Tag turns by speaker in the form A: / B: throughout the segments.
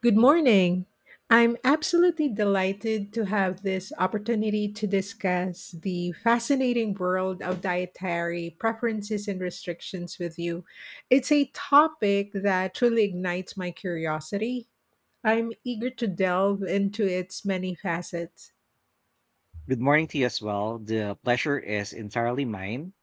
A: Good morning. I'm absolutely delighted to have this opportunity to discuss the fascinating world of dietary preferences and restrictions with you. It's a topic that truly ignites my curiosity. I'm eager to delve into its many facets.
B: Good morning to you as well. The pleasure is entirely mine.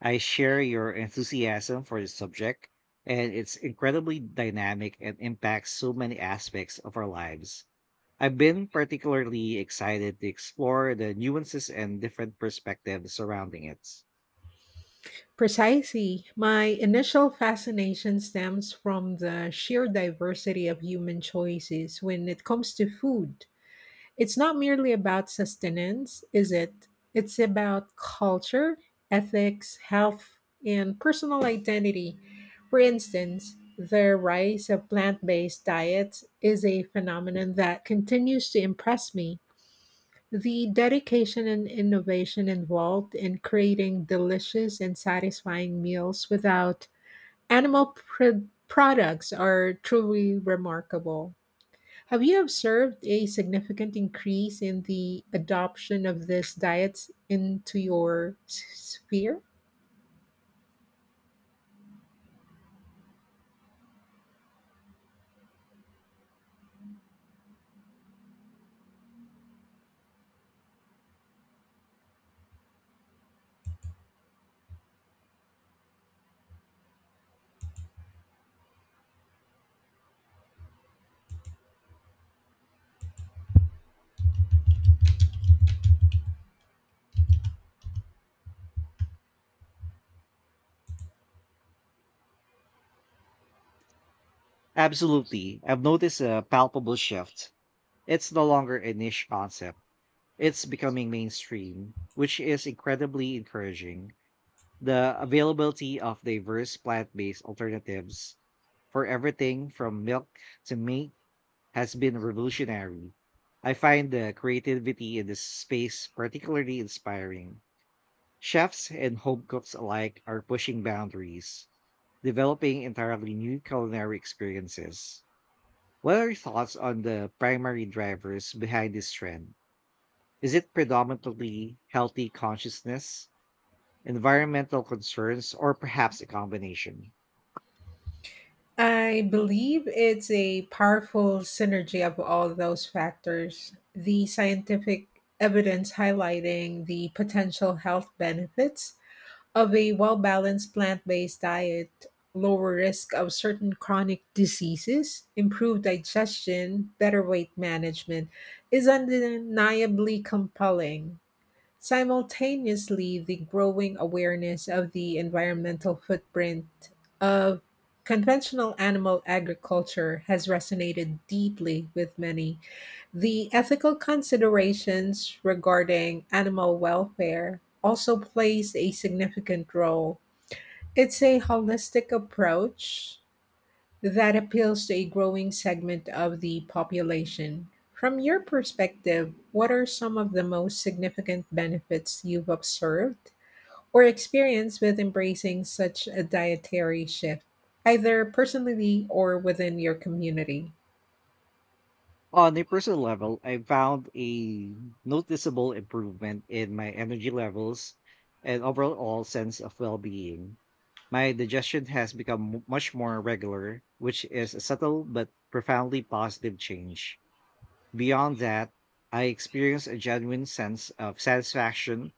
B: I share your enthusiasm for this subject, and it's incredibly dynamic and impacts so many aspects of our lives. I've been particularly excited to explore the nuances and different perspectives surrounding it.
A: Precisely. My initial fascination stems from the sheer diversity of human choices when it comes to food. It's not merely about sustenance, is it? It's about culture, ethics, health, and personal identity. For instance, the rise of plant based diets is a phenomenon that continues to impress me. The dedication and innovation involved in creating delicious and satisfying meals without products are truly remarkable. Have you observed a significant increase in the adoption of this diet into your sphere?
B: Absolutely. I've noticed a palpable shift. It's no longer a niche concept, it's becoming mainstream, which is incredibly encouraging. The availability of diverse plant-based alternatives for everything from milk to meat has been revolutionary. I find the creativity in this space particularly inspiring. Chefs and home cooks alike are pushing boundaries, developing entirely new culinary experiences. What are your thoughts on the primary drivers behind this trend? Is it predominantly healthy consciousness, environmental concerns, or perhaps a combination?
A: I believe it's a powerful synergy of all those factors. The scientific evidence highlighting the potential health benefits of a well balanced plant based diet, lower risk of certain chronic diseases, improved digestion, better weight management is undeniably compelling. Simultaneously, the growing awareness of the environmental footprint of conventional animal agriculture has resonated deeply with many. The ethical considerations regarding animal welfare also plays a significant role. It's a holistic approach that appeals to a growing segment of the population. From your perspective, what are some of the most significant benefits you've observed or experienced with embracing such a dietary shift, either personally or within your community?
B: On a personal level, I found a noticeable improvement in my energy levels and overall sense of well being. My digestion has become much more regular, which is a subtle but profoundly positive change. Beyond that, I experience a genuine sense of satisfaction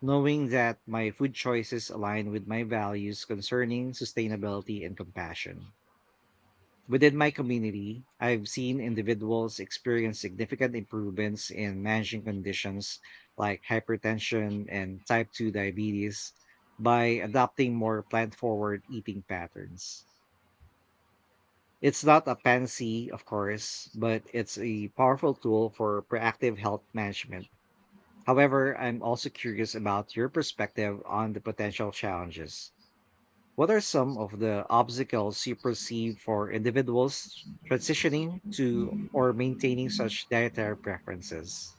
B: knowing that my food choices align with my values concerning sustainability and compassion. Within my community, I've seen individuals experience significant improvements in managing conditions like hypertension and type 2 diabetes by adopting more plant forward eating patterns. It's not a panacea, of course, but it's a powerful tool for proactive health management. However, I'm also curious about your perspective on the potential challenges. What are some of the obstacles you perceive for individuals transitioning to or maintaining such dietary preferences?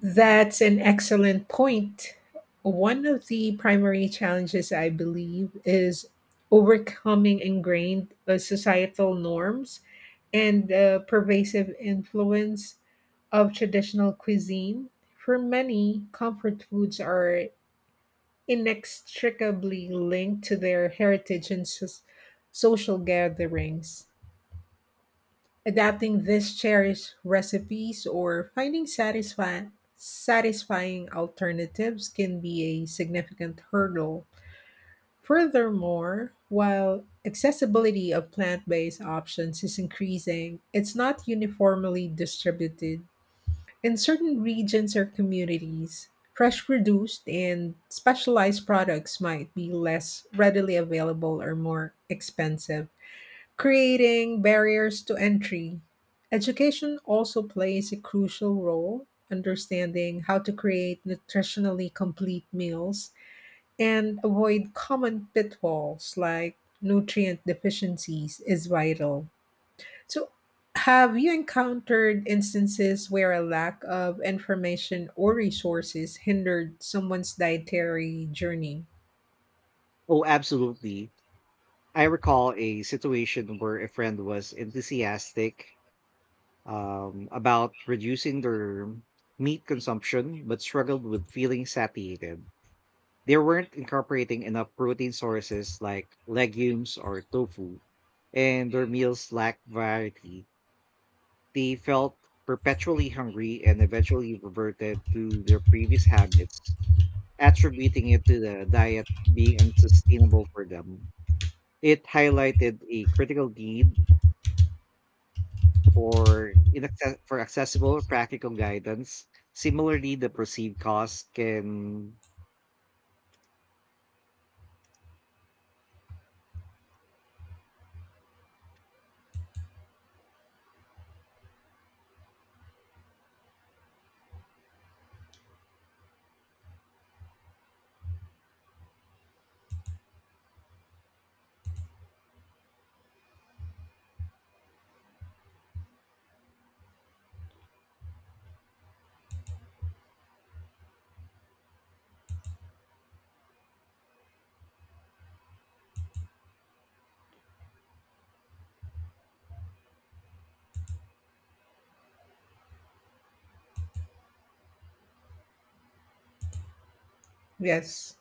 A: That's an excellent point. One of the primary challenges, I believe, is overcoming ingrained societal norms and the pervasive influence of traditional cuisine. For many, comfort foods are inextricably linked to their heritage and social gatherings. Adapting these cherished recipes or finding satisfying alternatives can be a significant hurdle. Furthermore, while accessibility of plant based options is increasing, it's not uniformly distributed. In certain regions or communities, fresh produced and specialized products might be less readily available or more expensive creating barriers to entry. Education also plays a crucial role understanding how to create nutritionally complete meals and avoid common pitfalls like nutrient deficiencies is vital. So have you encountered instances where a lack of information or resources hindered someone's dietary journey?
B: Oh, absolutely. I recall a situation where a friend was enthusiastic about reducing their meat consumption, but struggled with feeling satiated. They weren't incorporating enough protein sources like legumes or tofu, and their meals lacked variety. They felt perpetually hungry and eventually reverted to their previous habits, attributing it to the diet being unsustainable for them. It highlighted a critical need for accessible practical guidance. Similarly, the perceived cost can
A: Yes.